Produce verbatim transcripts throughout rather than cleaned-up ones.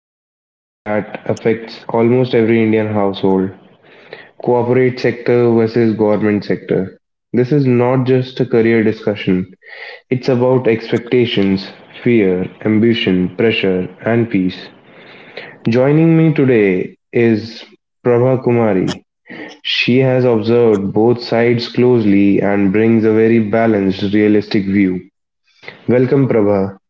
About something that affects almost every Indian household, corporate sector versus government sector. This is not just a career discussion, it's about expectations, fear, ambition, pressure, and peace. Joining me today is Prabha Kumari. She has observed both sides closely and brings a very balanced, realistic view. Welcome, Prabha.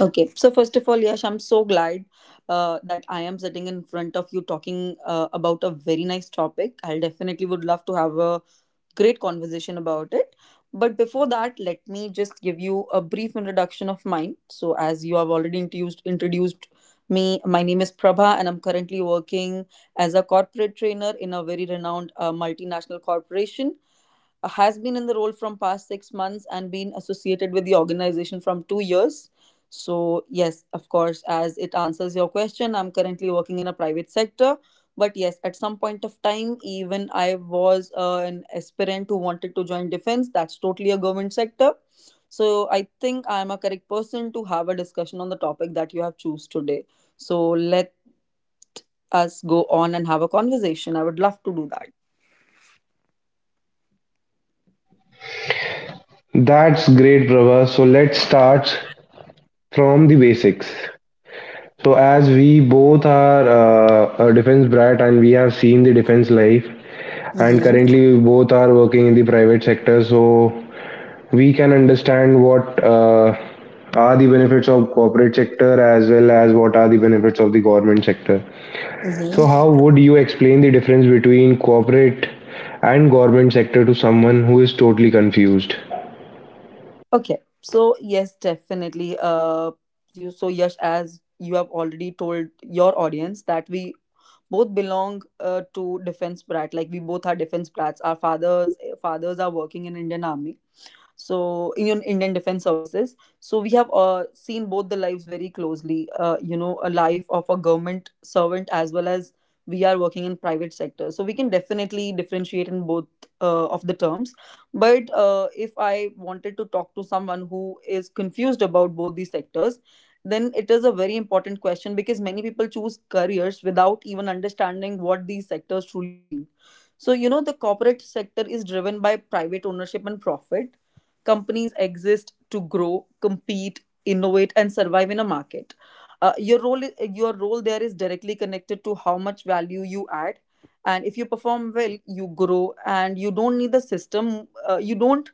Okay, so first of all, Yash, I'm so glad uh, that I am sitting in front of you talking uh, about a very nice topic. I definitely would love to have a great conversation about it. But before that, let me just give you a brief introduction of mine. So, as you have already introduced, introduced me, my name is Prabha, and I'm currently working as a corporate trainer in a very renowned uh, multinational corporation. Uh, has been in the role from past six months and been associated with the organization from two years. So, yes, of course, as it answers your question, I'm currently working in a private sector, but yes, at some point of time, even I was uh, an aspirant who wanted to join defense. That's totally a government sector. So I think I'm a correct person to have a discussion on the topic that you have choose today. So let us go on and have a conversation. I would love to do That's great, Prabha. So let's start from the basics. So as we both are uh, a defense brat and we have seen the defense life, and that. currently we both are working in the private sector, so we can understand what uh, are the benefits of corporate sector as well as what are the benefits of the government sector. So Mm-hmm. how would you explain the difference between corporate and government sector to someone who is totally confused? Okay, so yes, definitely. Uh, you so Yash, as you have already told your audience that we both belong uh, to defense brat. Like we both are defense brats. Our fathers eh, fathers are working in Indian Army, so Indian Indian Defense Services. So we have uh, seen both the lives very closely. Uh, you know, a life of a government servant, as well as we are working in private sector. So we can definitely differentiate in both uh, of the terms. But uh, if I wanted to talk to someone who is confused about both these sectors, then it is a very important question because many people choose careers without even understanding what these sectors truly mean. So, you know, the corporate sector is driven by private ownership and profit. Companies exist to grow, compete, innovate, and survive in a market. Uh, your role, i- your role there is directly connected to how much value you add, and if you perform well, you grow, and you don't need the system. Uh, you don't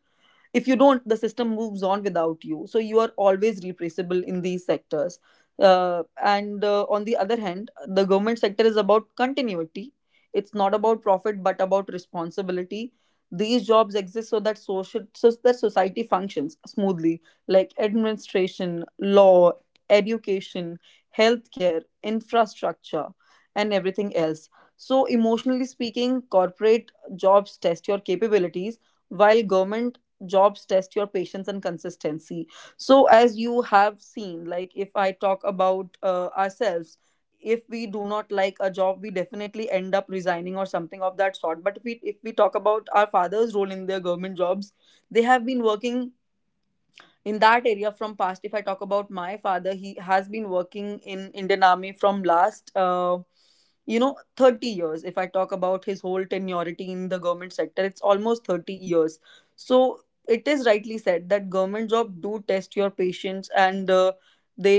if you don't, the system moves on without you, so you are always replaceable in these sectors. Uh, and uh, on the other hand, the government sector is about continuity. It's not about profit but about responsibility. These jobs exist so that social so that society functions smoothly, like administration, law, education, healthcare, infrastructure, and everything else. So, emotionally speaking, corporate jobs test your capabilities, while government jobs test your patience and consistency. So as you have seen, like, if I talk about uh, ourselves, if we do not like a job, we definitely end up resigning or something of that sort. But if we if we talk about our father's role in their government jobs, they have been working in that area from past. If I talk about my father, he has been working in Indian Army from last uh, you know thirty years. If I talk about his whole tenuity in the government sector, it's almost thirty years. So it is rightly said that government job do test your patience. And uh, they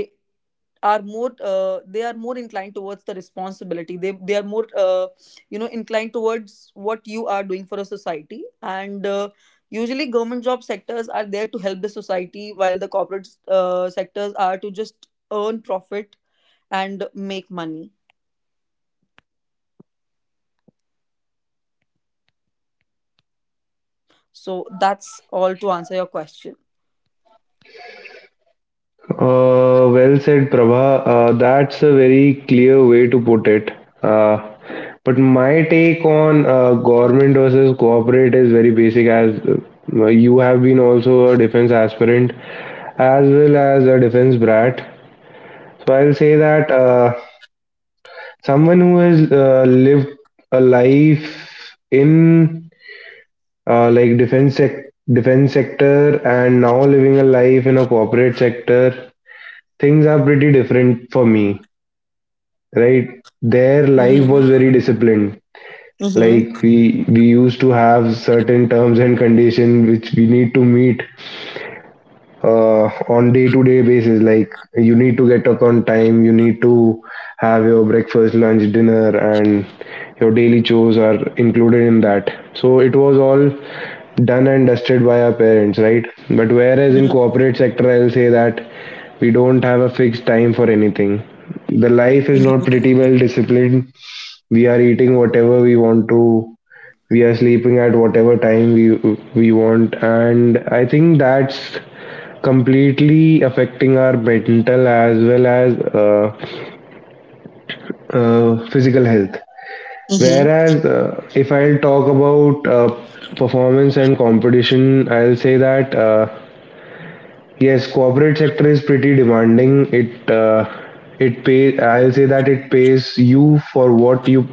are more uh, they are more inclined towards the responsibility. They they are more uh, you know inclined towards what you are doing for a society, and uh, usually government job sectors are there to help the society, while the corporate uh, sectors are to just earn profit and make money. So that's all to answer your question. Uh, well said, Prabha. Uh, that's a very clear way to put it. Uh, but my take on uh, government versus corporate is very basic, as uh, you have been also a defense aspirant as well as a defense brat. So I'll say that uh, someone who has uh, lived a life in uh, like defense sec- defense sector and now living a life in a corporate sector, things are pretty different for me, right? Their life was Mm-hmm. very disciplined, Mm-hmm. like we we used to have certain terms and conditions which we need to meet uh, on day to day basis, like you need to get up on time, you need to have your breakfast, lunch, dinner, and your daily chores are included in that, so it was all done and dusted by our parents, right? But whereas in corporate sector, I'll say that we don't have a fixed time for anything. The life is not pretty well disciplined. We are eating whatever we want to. We are sleeping at whatever time we we want, and I think that's completely affecting our mental as well as uh, uh, physical health. Mm-hmm. Whereas, uh, if I'll talk about uh, performance and competition, I'll say that uh, yes, corporate sector is pretty demanding. It uh, it pay. I'll say that it pays you for what you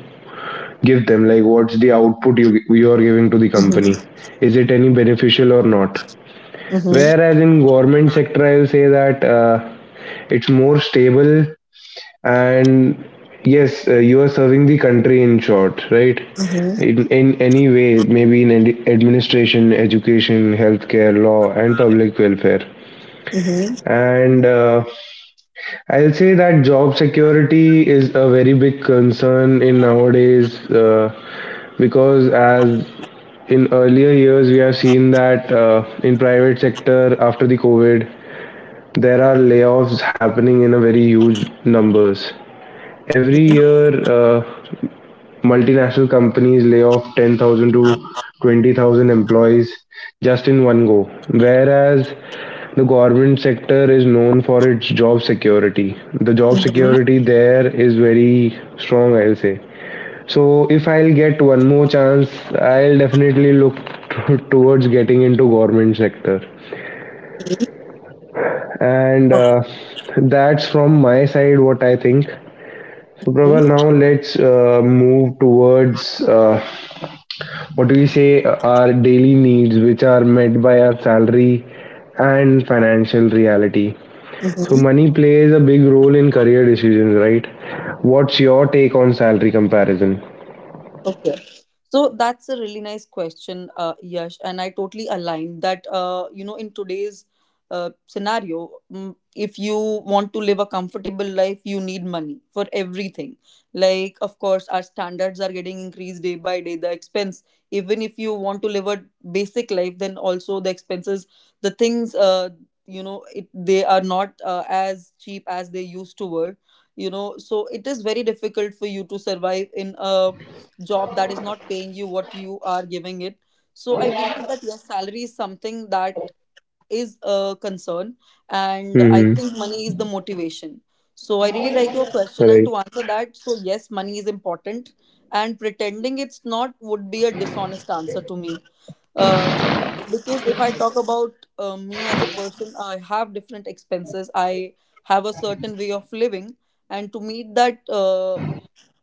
give them, like what's the output you you are giving to the Mm-hmm. company, is it any beneficial or not? Whereas in government sector, I'll say that uh, it's more stable, and yes, uh, you are serving the country in short, right? Mm-hmm. In, in any way, maybe in ad- administration, education, healthcare, law, and public welfare. And uh, I'll say that job security is a very big concern in nowadays, uh, because as in earlier years we have seen that uh, in private sector after the COVID there are layoffs happening in a very huge numbers every year. uh, Multinational companies lay off ten thousand to twenty thousand employees just in one go, whereas the government sector is known for its job security. The job security there is very strong, I'll say. So if I'll get one more chance, I'll definitely look t- towards getting into government sector. And uh, that's from my side what I think. So Mm-hmm. Prabal, now let's uh, move towards uh, what do we say, uh, our daily needs, which are met by our salary and financial reality. So money plays a big role in career decisions, right? What's your take on salary comparison? Okay. So that's a really nice question, uh, Yash, and I totally align that. Uh, you know, in today's uh, scenario, mm, if you want to live a comfortable life, you need money for everything. Like, of course, our standards are getting increased day by day. The expense, even if you want to live a basic life, then also the expenses, the things, uh, you know, it, they are not uh, as cheap as they used to were. You know, so it is very difficult for you to survive in a job that is not paying you what you are giving it. So I believe that, yes, salary is something that is a concern, and I Mm-hmm. think money is the motivation. So I really like your question, and Right. to answer that, so yes, money is important, and pretending it's not would be a dishonest answer to me. Uh, because if I talk about uh, me as a person, I have different expenses. I have a certain way of living, and to meet that uh,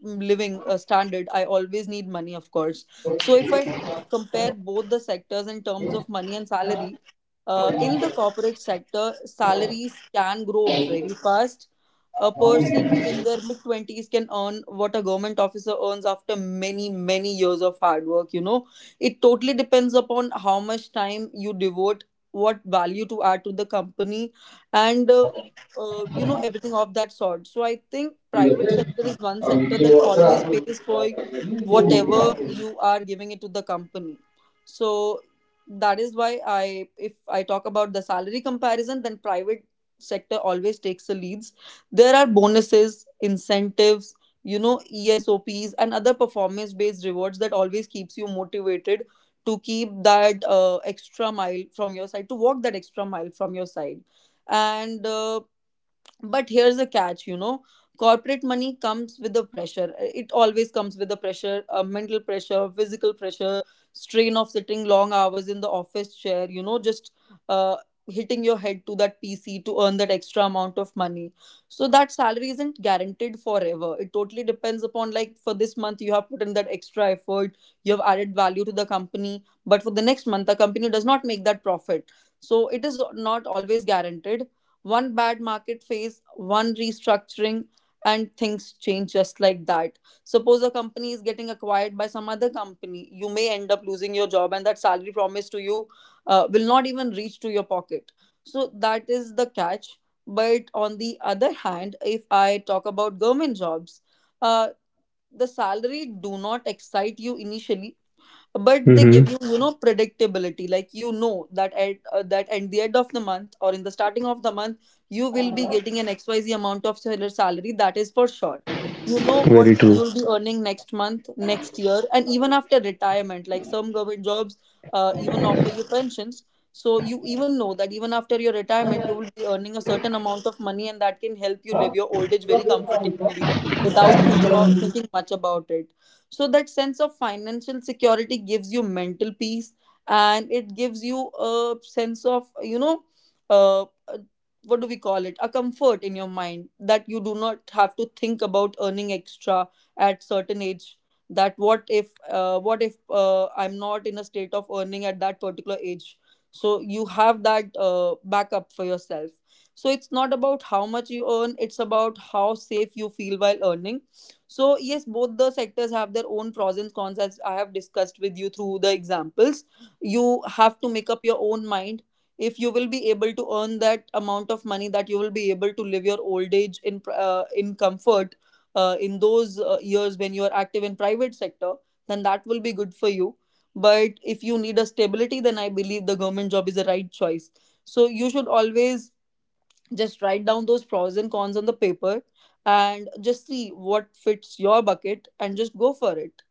living uh, standard, I always need money, of course. So if I compare both the sectors in terms of money and salary, uh, in the corporate sector salaries can grow very fast. A person in their mid twenties can earn what a government officer earns after many, many years of hard work you know It totally depends upon how much time you devote, what value to add to the company, and uh, uh, you know everything of that sort. So I think private sector is one sector that always pays for whatever you are giving it to the company. So that is why, I if I talk about the salary comparison, then private sector always takes the leads. There are bonuses, incentives, you know ESOPs, and other performance based rewards that always keeps you motivated to keep that uh, extra mile from your side, to walk that extra mile from your side. And uh, but here's the catch. You know corporate money comes with the pressure. It always comes with the pressure, uh, mental pressure, physical pressure, strain of sitting long hours in the office chair, you know just uh, hitting your head to that P C to earn that extra amount of money. So that salary isn't guaranteed forever. It totally depends upon, like, for this month you have put in that extra effort, you have added value to the company, but for the next month the company does not make that profit. So it is not always guaranteed. One bad market phase, one restructuring, and things change just like that. Suppose a company is getting acquired by some other company, you may end up losing your job, and that salary promised to you uh, will not even reach to your pocket. So, that is the catch. But on the other hand, if I talk about government jobs, uh, the salary do not excite you initially, but they give Mm-hmm. you, you know predictability. Like, you know that at uh, that at the end of the month, or in the starting of the month, you will be getting an X Y Z amount of seller salary. That is for sure. You know what Very true. you'll be earning next month, next year, and even after retirement. Like, some government jobs uh, even offer you pensions. So you even know that even after your retirement, you will be earning a certain amount of money, and that can help you live your old age very comfortably without thinking or thinking much about it. So that sense of financial security gives you mental peace, and it gives you a sense of, you know, uh, uh, what do we call it? A comfort in your mind that you do not have to think about earning extra at certain age. That, what if uh, what if uh, I'm not in a state of earning at that particular age? So you have that uh, backup for yourself. So it's not about how much you earn, it's about how safe you feel while earning. So, yes, both the sectors have their own pros and cons, as I have discussed with you through the examples. You have to make up your own mind. If you will be able to earn that amount of money, that you will be able to live your old age in pr- uh, in comfort, uh, in those uh, years when you are active in private sector, then that will be good for you. But if you need a stability, then I believe the government job is the right choice. So you should always just write down those pros and cons on the paper and just see what fits your bucket and just go for it.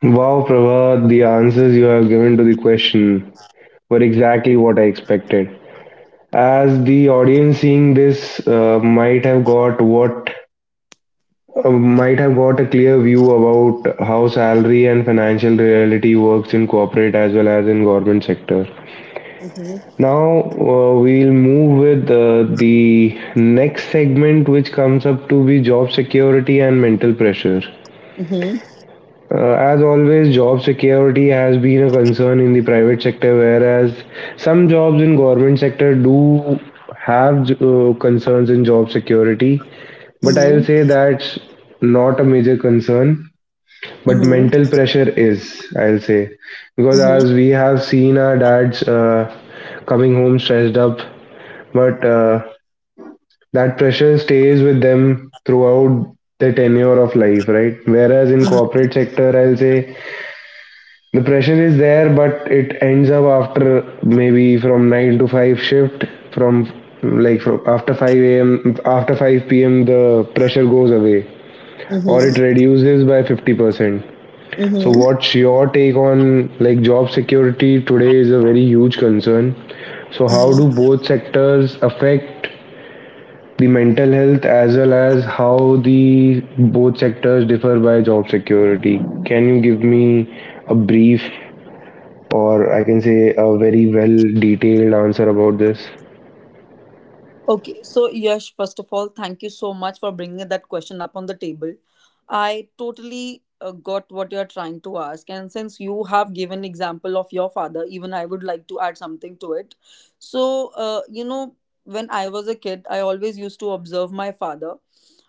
Wow, Prabha, the answers you have given to the question were exactly what I expected. As the audience seeing this uh, might have got what uh, might have got a clear view about how salary and financial reality works in corporate as well as in government sector. Mm-hmm. Now uh, we'll move with uh, the next segment, which comes up to be job security and mental pressure. Mm-hmm. Uh, as always, job security has been a concern in the private sector, whereas some jobs in government sector do have uh, concerns in job security. But I'll say that's not a major concern, but Mm-hmm. mental pressure is, I'll say, because Mm-hmm. as we have seen our dads uh, coming home stressed up, but uh, that pressure stays with them throughout the tenure of life, right? Whereas in Mm-hmm. corporate sector, I'll say the pressure is there, but it ends up after maybe from nine to five shift. From, like, from after five a m, after five p m, the pressure goes away or it reduces by fifty percent. So Mm-hmm. what's your take on, like, job security today is a very huge concern. So how do Mm-hmm. both sectors affect the mental health as well as how the both sectors differ by job security? Can you give me a brief or I can say a very well detailed answer about this? Okay, so Yash, first of all, thank you so much for bringing that question up on the table. I totally uh, got what you are trying to ask, and since you have given example of your father, even I would like to add something to it. So, uh, you know, when I was a kid, I always used to observe my father.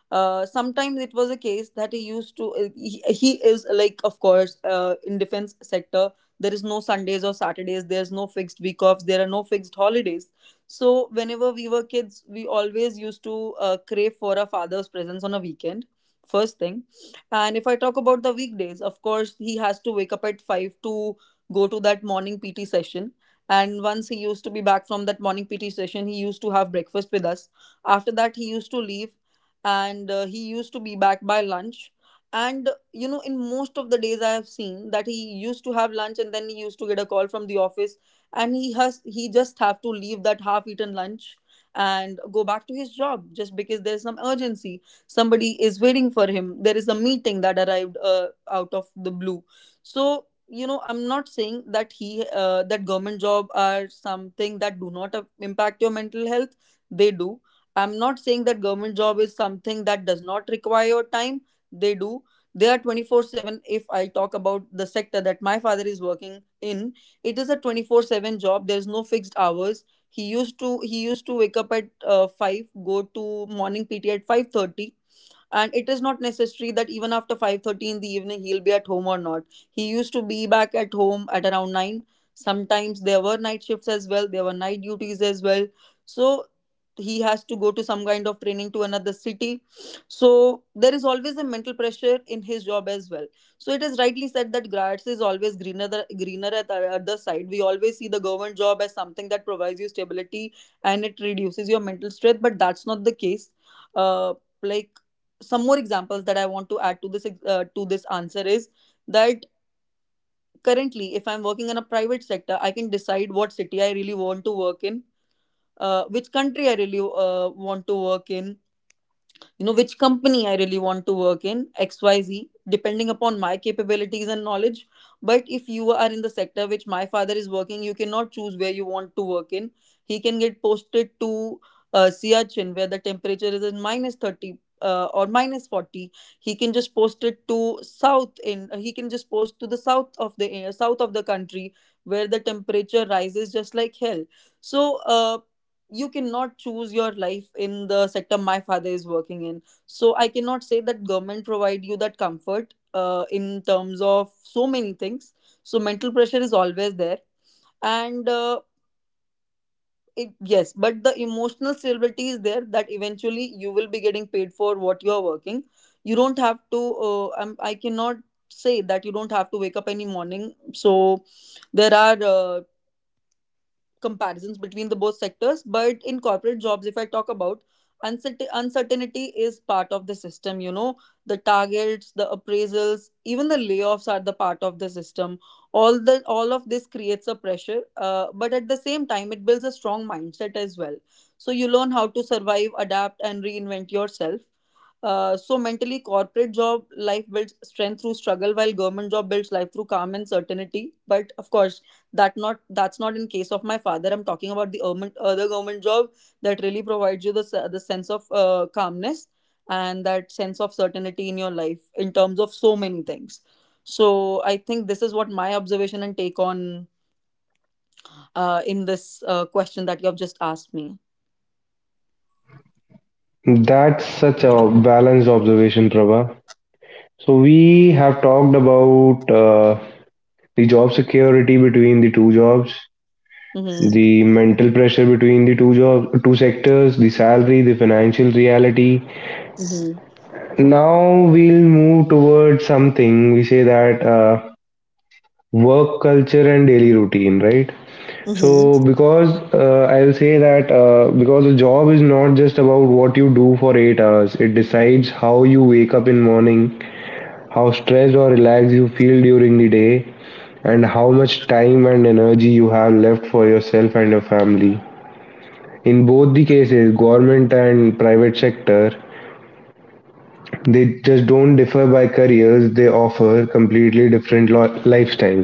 Uh, sometimes it was a case that he used to. Uh, he, he is like, of course, uh, in defense sector, there is no Sundays or Saturdays. There is no fixed week offs. There are no fixed holidays. So whenever we were kids, we always used to uh, crave for our father's presence on a weekend. First thing, and if I talk about the weekdays, of course he has to wake up at five to go to that morning P T session. And once he used to be back from that morning P T session, he used to have breakfast with us. After that, he used to leave, and uh, he used to be back by lunch. And you know, in most of the days, I have seen that he used to have lunch and then he used to get a call from the office and he has he just have to leave that half eaten lunch and go back to his job just because there's some urgency, somebody is waiting for him, there is a meeting that arrived uh, out of the blue. So you know, I'm not saying that he uh, that government job are something that do not uh, impact your mental health. They do. I'm not saying that government job is something that does not require your time. They do. They are twenty-four seven. If I talk about the sector that my father is working in, it is a twenty-four seven job. There's no fixed hours. He used to he used to wake up at uh, five, go to morning P T at five thirty, and it is not necessary that even after five thirty in the evening he'll be at home or not. He used to be back at home at around nine. Sometimes there were night shifts as well, there were night duties as well. So he has to go to some kind of training to another city. So there is always a mental pressure in his job as well. So it is rightly said that grass is always greener the, greener at the other side. We always see the government job as something that provides you stability and it reduces your mental stress, but that's not the case. uh, like some more examples that I want to add to this uh, to this answer is that currently, if I'm working in a private sector, I can decide what city I really want to work in, uh, which country I really uh, want to work in, you know, which company I really want to work in, xyz, depending upon my capabilities and knowledge. But if you are in the sector which my father is working, you cannot choose where you want to work in. He can get posted to uh, siachen where the temperature is in minus thirty, uh, or minus forty. He can just post it to south in uh, He can just post to the south of the uh, south of the country where the temperature rises just like hell. So uh, you cannot choose your life in the sector my father is working in. So I cannot say that government provide you that comfort uh, in terms of so many things. So mental pressure is always there. And uh, it, yes, but the emotional stability is there, that eventually you will be getting paid for what you are working. You don't have to uh, I'm, I cannot say that you don't have to wake up any morning. So there are uh, comparisons between the both sectors. But in corporate jobs, if I talk about uncertain uncertainty is part of the system, you know, the targets, the appraisals, even the layoffs are the part of the system. All the all of this creates a pressure. Uh, but at the same time it builds a strong mindset as well. So you learn how to survive, adapt and reinvent yourself. Uh, so mentally, corporate job life builds strength through struggle, while government job builds life through calm and certainty. But of course, that not that's not in case of my father. I'm talking about the government uh, the government job that really provides you the se- the sense of uh, calmness and that sense of certainty in your life in terms of so many things. So I think this is what my observation and take on uh, in this uh, question that you have just asked me. That's such a balanced observation, Prabha. So we have talked about uh, the job security between the two jobs, Mm-hmm. the mental pressure between the two jobs, two sectors, the salary, the financial reality. Mm-hmm. Now we'll move towards something. We say that uh, work culture and daily routine, right? Mm-hmm. So, because uh, I'll say that uh, because a job is not just about what you do for eight hours, it decides how you wake up in morning, how stressed or relaxed you feel during the day, and how much time and energy you have left for yourself and your family. In both the cases, government and private sector, they just don't differ by careers, they offer completely different lo- lifestyles.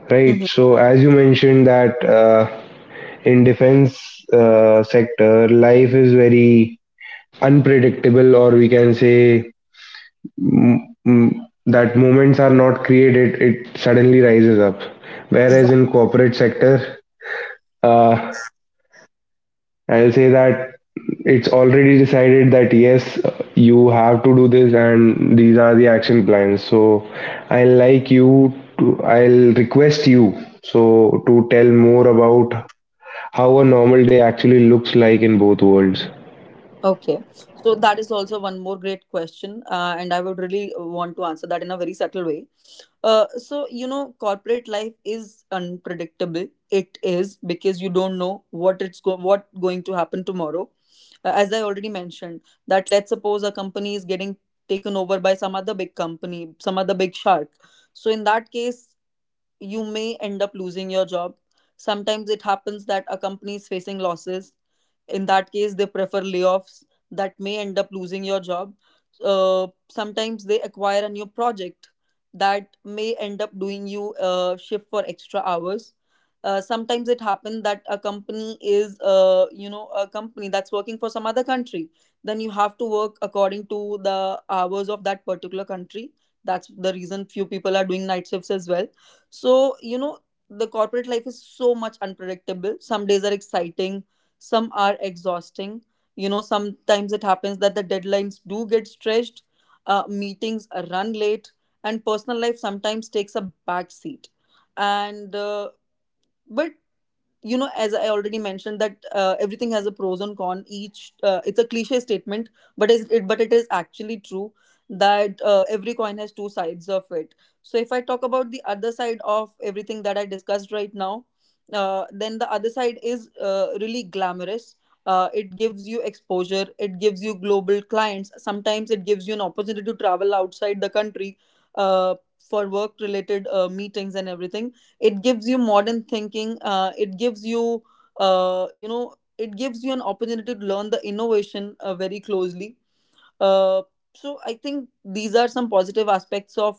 Right. Mm-hmm. So as you mentioned that uh, in defense uh, sector life is very unpredictable, or we can say mm, mm, that moments are not created, it suddenly rises up. Whereas in Exactly. corporate sector, uh, I'll say that it's already decided that yes, you have to do this and these are the action plans. So i like you to, i'll request you so to tell more about how a normal day actually looks like in both worlds. Okay, so that is also one more great question, uh, and I would really want to answer that in a very subtle way. Uh, so, you know, corporate life is unpredictable. It is because you don't know what it's go- what going to happen tomorrow. Uh, as I already mentioned, that let's suppose a company is getting taken over by some other big company, some other big shark. So, in that case, you may end up losing your job. Sometimes it happens that a company is facing losses. In that case, they prefer layoffs that may end up losing your job. Uh, sometimes they acquire a new project that may end up doing you a shift for extra hours. Uh, sometimes it happens that a company is, uh, you know, a company that's working for some other country. Then you have to work according to the hours of that particular country. That's the reason few people are doing night shifts as well. So, you know, the corporate life is so much unpredictable. Some days are exciting, some are exhausting. You know, sometimes it happens that the deadlines do get stretched, uh, meetings are run late, and personal life sometimes takes a back seat. And, uh, but you know, as I already mentioned that uh, everything has a pros and con each uh, it's a cliche statement, but is it but it is actually true that uh, every coin has two sides of it. So if I talk about the other side of everything that I discussed right now, uh, then the other side is uh, really glamorous. Uh, it gives you exposure, it gives you global clients, sometimes it gives you an opportunity to travel outside the country uh, for work related uh, meetings and everything. It gives you modern thinking, uh, it gives you uh, you know, it gives you an opportunity to learn the innovation uh, very closely. uh, so I think these are some positive aspects of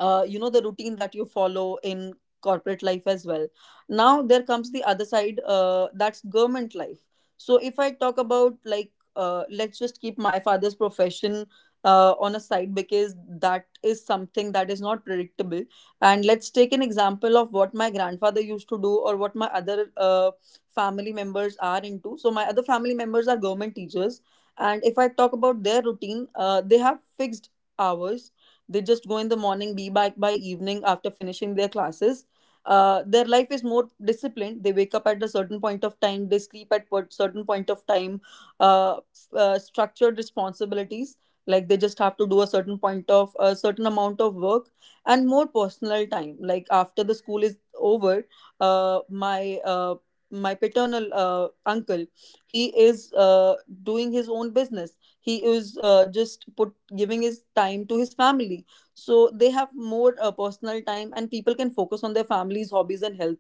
uh, you know, the routine that you follow in corporate life as well. Now there comes the other side, uh, that's government life. So if I talk about, like uh, let's just keep my father's profession uh, on a side, because that is something that is not predictable. And let's take an example of what my grandfather used to do or what my other uh, family members are into. So my other family members are government teachers. And if I talk about their routine, uh, they have fixed hours. They just go in the morning, be back by evening after finishing their classes. Uh, their life is more disciplined. They wake up at a certain point of time. They sleep at a certain point of time. Uh, uh, structured responsibilities, like they just have to do a certain point of a certain amount of work, and more personal time. Like after the school is over, uh, my uh, my paternal uh, uncle, he is uh, doing his own business. He is uh, just put giving his time to his family. So they have more uh, personal time and people can focus on their families, hobbies and health.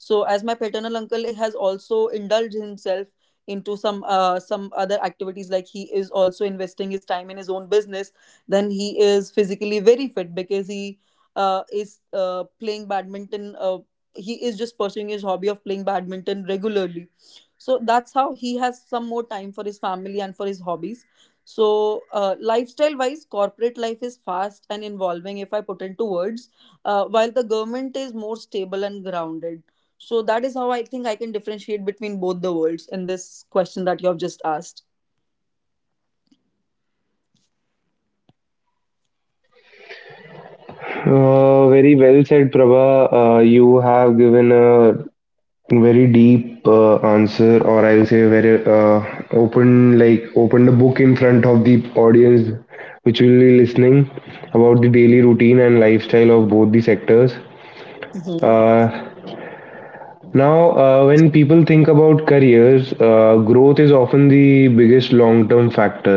So as my paternal uncle has also indulged himself into some uh, some other activities, like he is also investing his time in his own business. Then he is physically very fit because he uh, is uh, playing badminton. Uh, he is just pursuing his hobby of playing badminton regularly. So that's how he has some more time for his family and for his hobbies. So, uh, lifestyle wise, corporate life is fast and involving, if I put into words, uh, while the government is more stable and grounded. So, that is how I think I can differentiate between both the worlds in this question that you have just asked. Uh, very well said, Prabha. Uh, you have given a very deep uh, answer, or I'll say very uh, open, like opened a book in front of the audience, which will be listening about the daily routine and lifestyle of both the sectors. Mm-hmm. Uh, Now, uh, when people think about careers, uh, growth is often the biggest long term factor.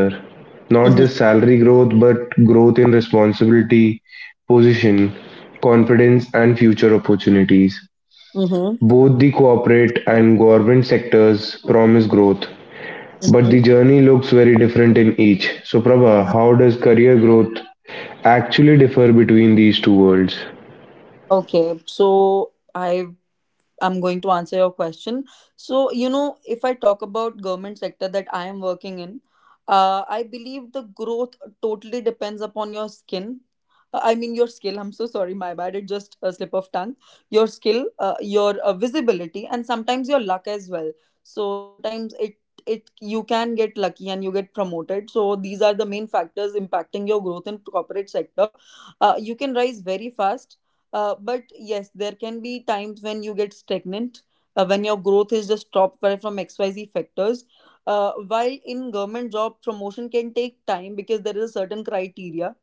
Not just Mm-hmm. salary growth, but growth in responsibility, position, confidence, and future opportunities. Mm-hmm. Both the corporate and government sectors promise growth, but the journey looks very different in each. So, Prabha, how does career growth actually differ between these two worlds? Okay, so I I'm going to answer your question. So, you know, if I talk about government sector that I am working in, uh, I believe the growth totally depends upon your skin. Uh, I mean, your skill. I'm so sorry, my bad. It just a slip of tongue. Your skill, uh, your uh, visibility, and sometimes your luck as well. So sometimes it it you can get lucky and you get promoted. So these are the main factors impacting your growth in corporate sector. Uh, you can rise very fast, uh, but yes, there can be times when you get stagnant, uh, when your growth is just stopped by- from X Y Z factors. Uh, while in government job, promotion can take time because there is a certain criteria,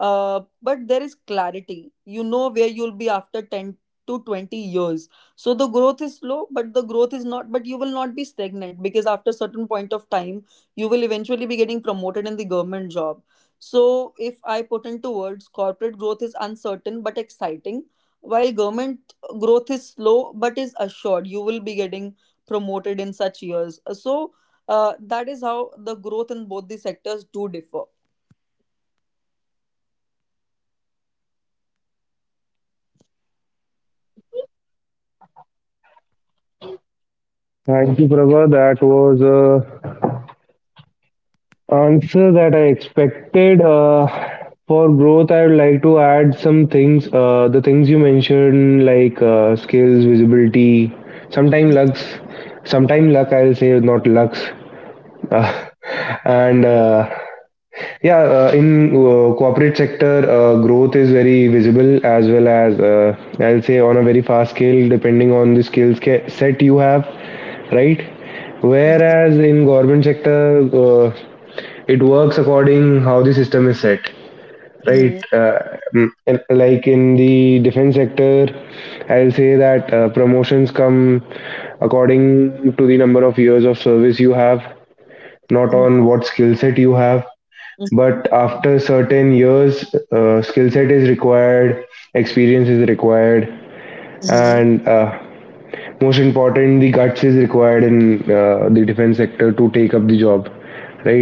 uh, but there is clarity. You know where you'll be after ten to twenty years. So the growth is slow, but the growth is not, but you will not be stagnant because after certain point of time, you will eventually be getting promoted in the government job. So, if I put into words, corporate growth is uncertain but exciting, while government growth is slow but is assured. You will be getting promoted in such years. So, uh, that is how the growth in both the sectors do differ. Thank you, Prabha. That was a answer that I expected. Uh, for growth, I would like to add some things. Uh, the things you mentioned, like uh, skills, visibility, sometime lux, sometime luck. I'll say not lux. Uh, and uh, yeah, uh, in uh, corporate sector, uh, growth is very visible as well as uh, I'll say on a very fast scale, depending on the skills ca- set you have, right? Whereas in government sector, uh, it works according how the system is set, right? Mm-hmm, uh, mm, in- Like in the defense sector, I'll say that uh, promotions come according to the number of years of service you have, not on mm-hmm, what skill set you have. But after certain years, uh, skill set is required, experience is required, mm-hmm, and uh, most important, the guts is required in uh, the defense sector to take up the job, right?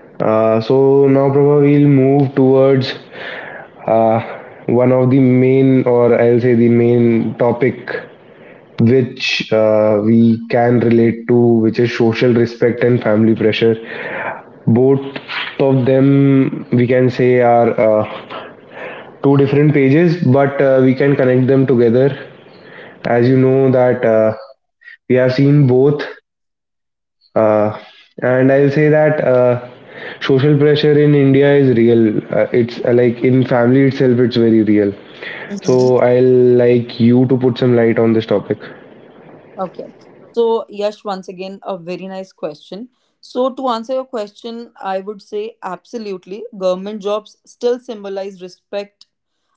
Uh, so now probably we'll move towards uh, one of the main, or I'll say the main topic, which uh, we can relate to, which is social respect and family pressure. Both of them we can say are uh, two different pages, but uh, we can connect them together. As you know that uh, we have seen both. Uh, and I'll say that uh, social pressure in India is real. Uh, it's uh, like in family itself, it's very real. So mm-hmm. I'll like you to put some light on this topic. Okay. So, Yash, once again, a very nice question. So, to answer your question, I would say absolutely. Government jobs still symbolize respect,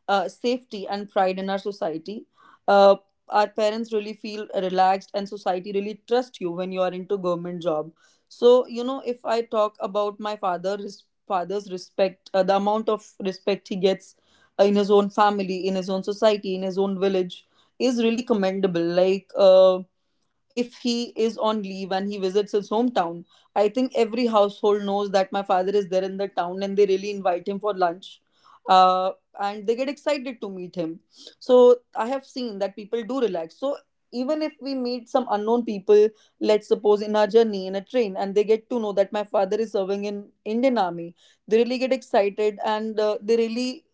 uh, safety, and pride in our society. Uh, our parents really feel relaxed, and society really trust you when you are into government job. So, you know, if I talk about my father, his father's respect, uh, the amount of respect he gets uh, in his own family, in his own society, in his own village, is really commendable. Like, uh, if he is on leave and he visits his hometown, I think every household knows that my father is there in the town and they really invite him for lunch. Uh, and they get excited to meet him. So I have seen that people do relax. So even if we meet some unknown people, let's suppose in our journey in a train, and they get to know that my father is serving in Indian Army, they really get excited and uh, they really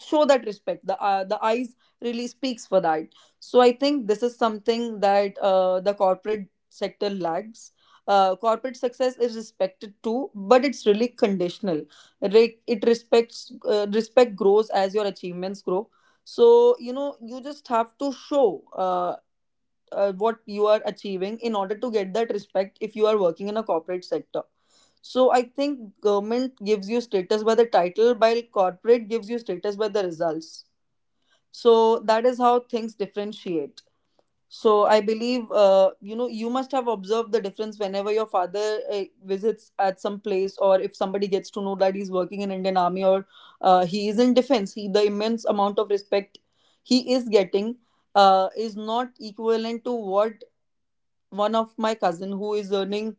show that respect. The uh, the eyes really speaks for that. So I think this is something that uh, the corporate sector lacks. Uh, corporate success is respected too, but it's really conditional. Like it respects uh, respect grows as your achievements grow. So you know you just have to show Uh, uh, what you are achieving in order to get that respect if you are working in a corporate sector. So I think government gives you status by the title, while corporate gives you status by the results. So that is how things differentiate. So I believe uh, you know you must have observed the difference whenever your father uh, visits at some place, or if somebody gets to know that he's working in Indian Army, or uh, he is in defense, he the immense amount of respect he is getting uh, is not equivalent to what one of my cousin who is earning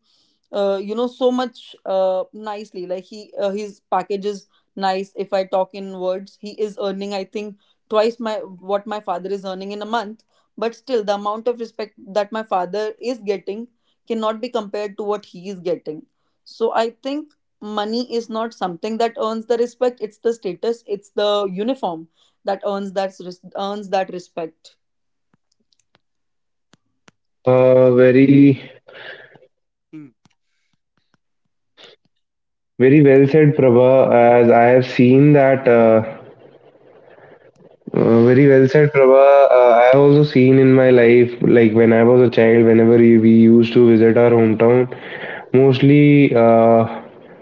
uh, you know so much uh, nicely. Like he uh, his package is nice. If I talk in words, he is earning I think twice my, what my father is earning in a month. But still the amount of respect that my father is getting cannot be compared to what he is getting. So I think money is not something that earns the respect. It's the status, it's the uniform that earns that res- earns that respect. Uh, very well said, Prabha. Uh, I have also seen in my life, like when I was a child, whenever we, we used to visit our hometown, mostly uh,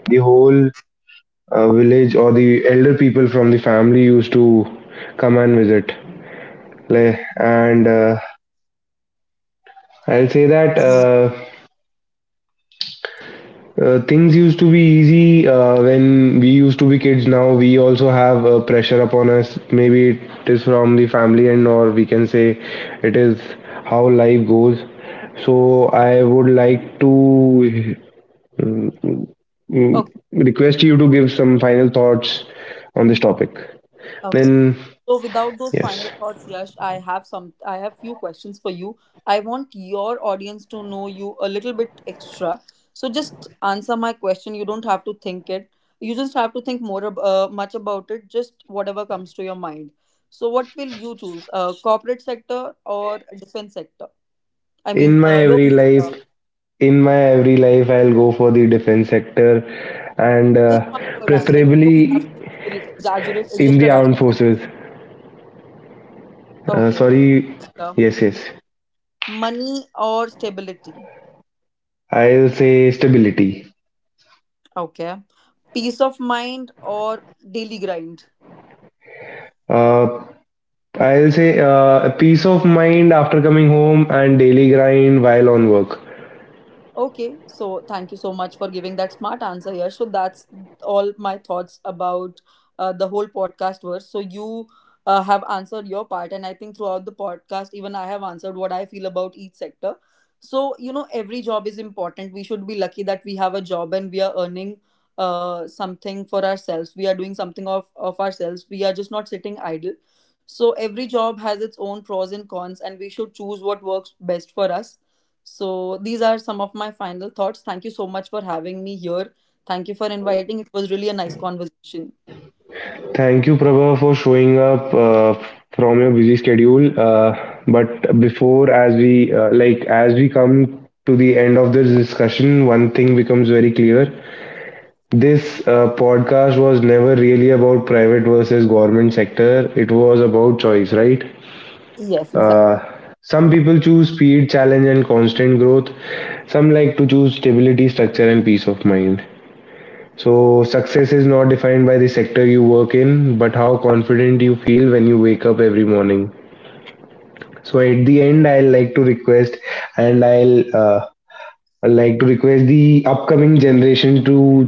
the whole uh, village or the elder people from the family used to come and visit. Like, and uh, I'll say that. Mhm. Uh, Uh, things used to be easy uh, when we used to be kids. Now we also have uh, pressure upon us. Maybe it is from the family and or we can say it is how life goes. So I would like to mm, Okay. request you to give some final thoughts on this topic. Okay. Then So without those final yes, thoughts, Yash, I have some I have few questions for you. I want your audience to know you a little bit extra. So just answer my question. You don't have to think it. You just have to think more ab- uh, much about it. Just whatever comes to your mind. So what will you choose? Uh, corporate sector or defense sector? I mean, in my uh, every government sector. life, in my every life, I'll go for the defense sector and Just one uh, word answer. You don't have preferably to el- exaggerate. It's in just a the rapid armed fire. forces. Uh, Okay. Sorry, Sector. yes, yes. Money or stability? I'll say stability. Okay. Peace of mind or daily grind? Uh, I'll say uh, a peace of mind after coming home and daily grind while on work. Okay, so thank you so much for giving that smart answer, Yash. So that's all my thoughts about uh, the whole podcast verse. So you uh, have answered your part, and I think throughout the podcast, even I have answered what I feel about each sector. So you know, every job is important. We should be lucky that we have a job and we are earning uh, something for ourselves. We are doing something of of ourselves. We are just not sitting idle. So every job has its own pros and cons, and we should choose what works best for us. So these are some of my final thoughts. Thank you so much for having me here. Thank you for inviting. It was really a nice conversation. Thank you, Prabha, for showing up uh, from your busy schedule. Uh, but before, as we uh, like, as we come to the end of this discussion, one thing becomes very clear. This uh, podcast was never really about private versus government sector. It was about choice, right? Yes, exactly. Uh, some people choose speed, challenge, and constant growth. Some like to choose stability, structure, and peace of mind. So, success is not defined by the sector you work in, but how confident you feel when you wake up every morning. So, at the end, I'll like to request and I'll uh, I'd like to request the upcoming generation to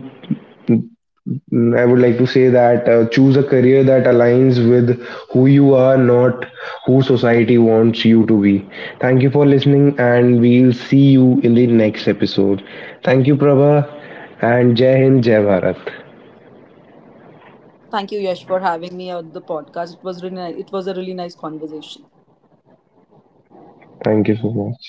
Mm, I would like to say that uh, choose a career that aligns with who you are, not who society wants you to be. Thank you for listening, and we'll see you in the next episode. Thank you, Prabha, and Jai Hind, Jai Bharat. Thank you, Yash, for having me on the podcast. It was really nice. It was a really nice conversation. Thank you so much.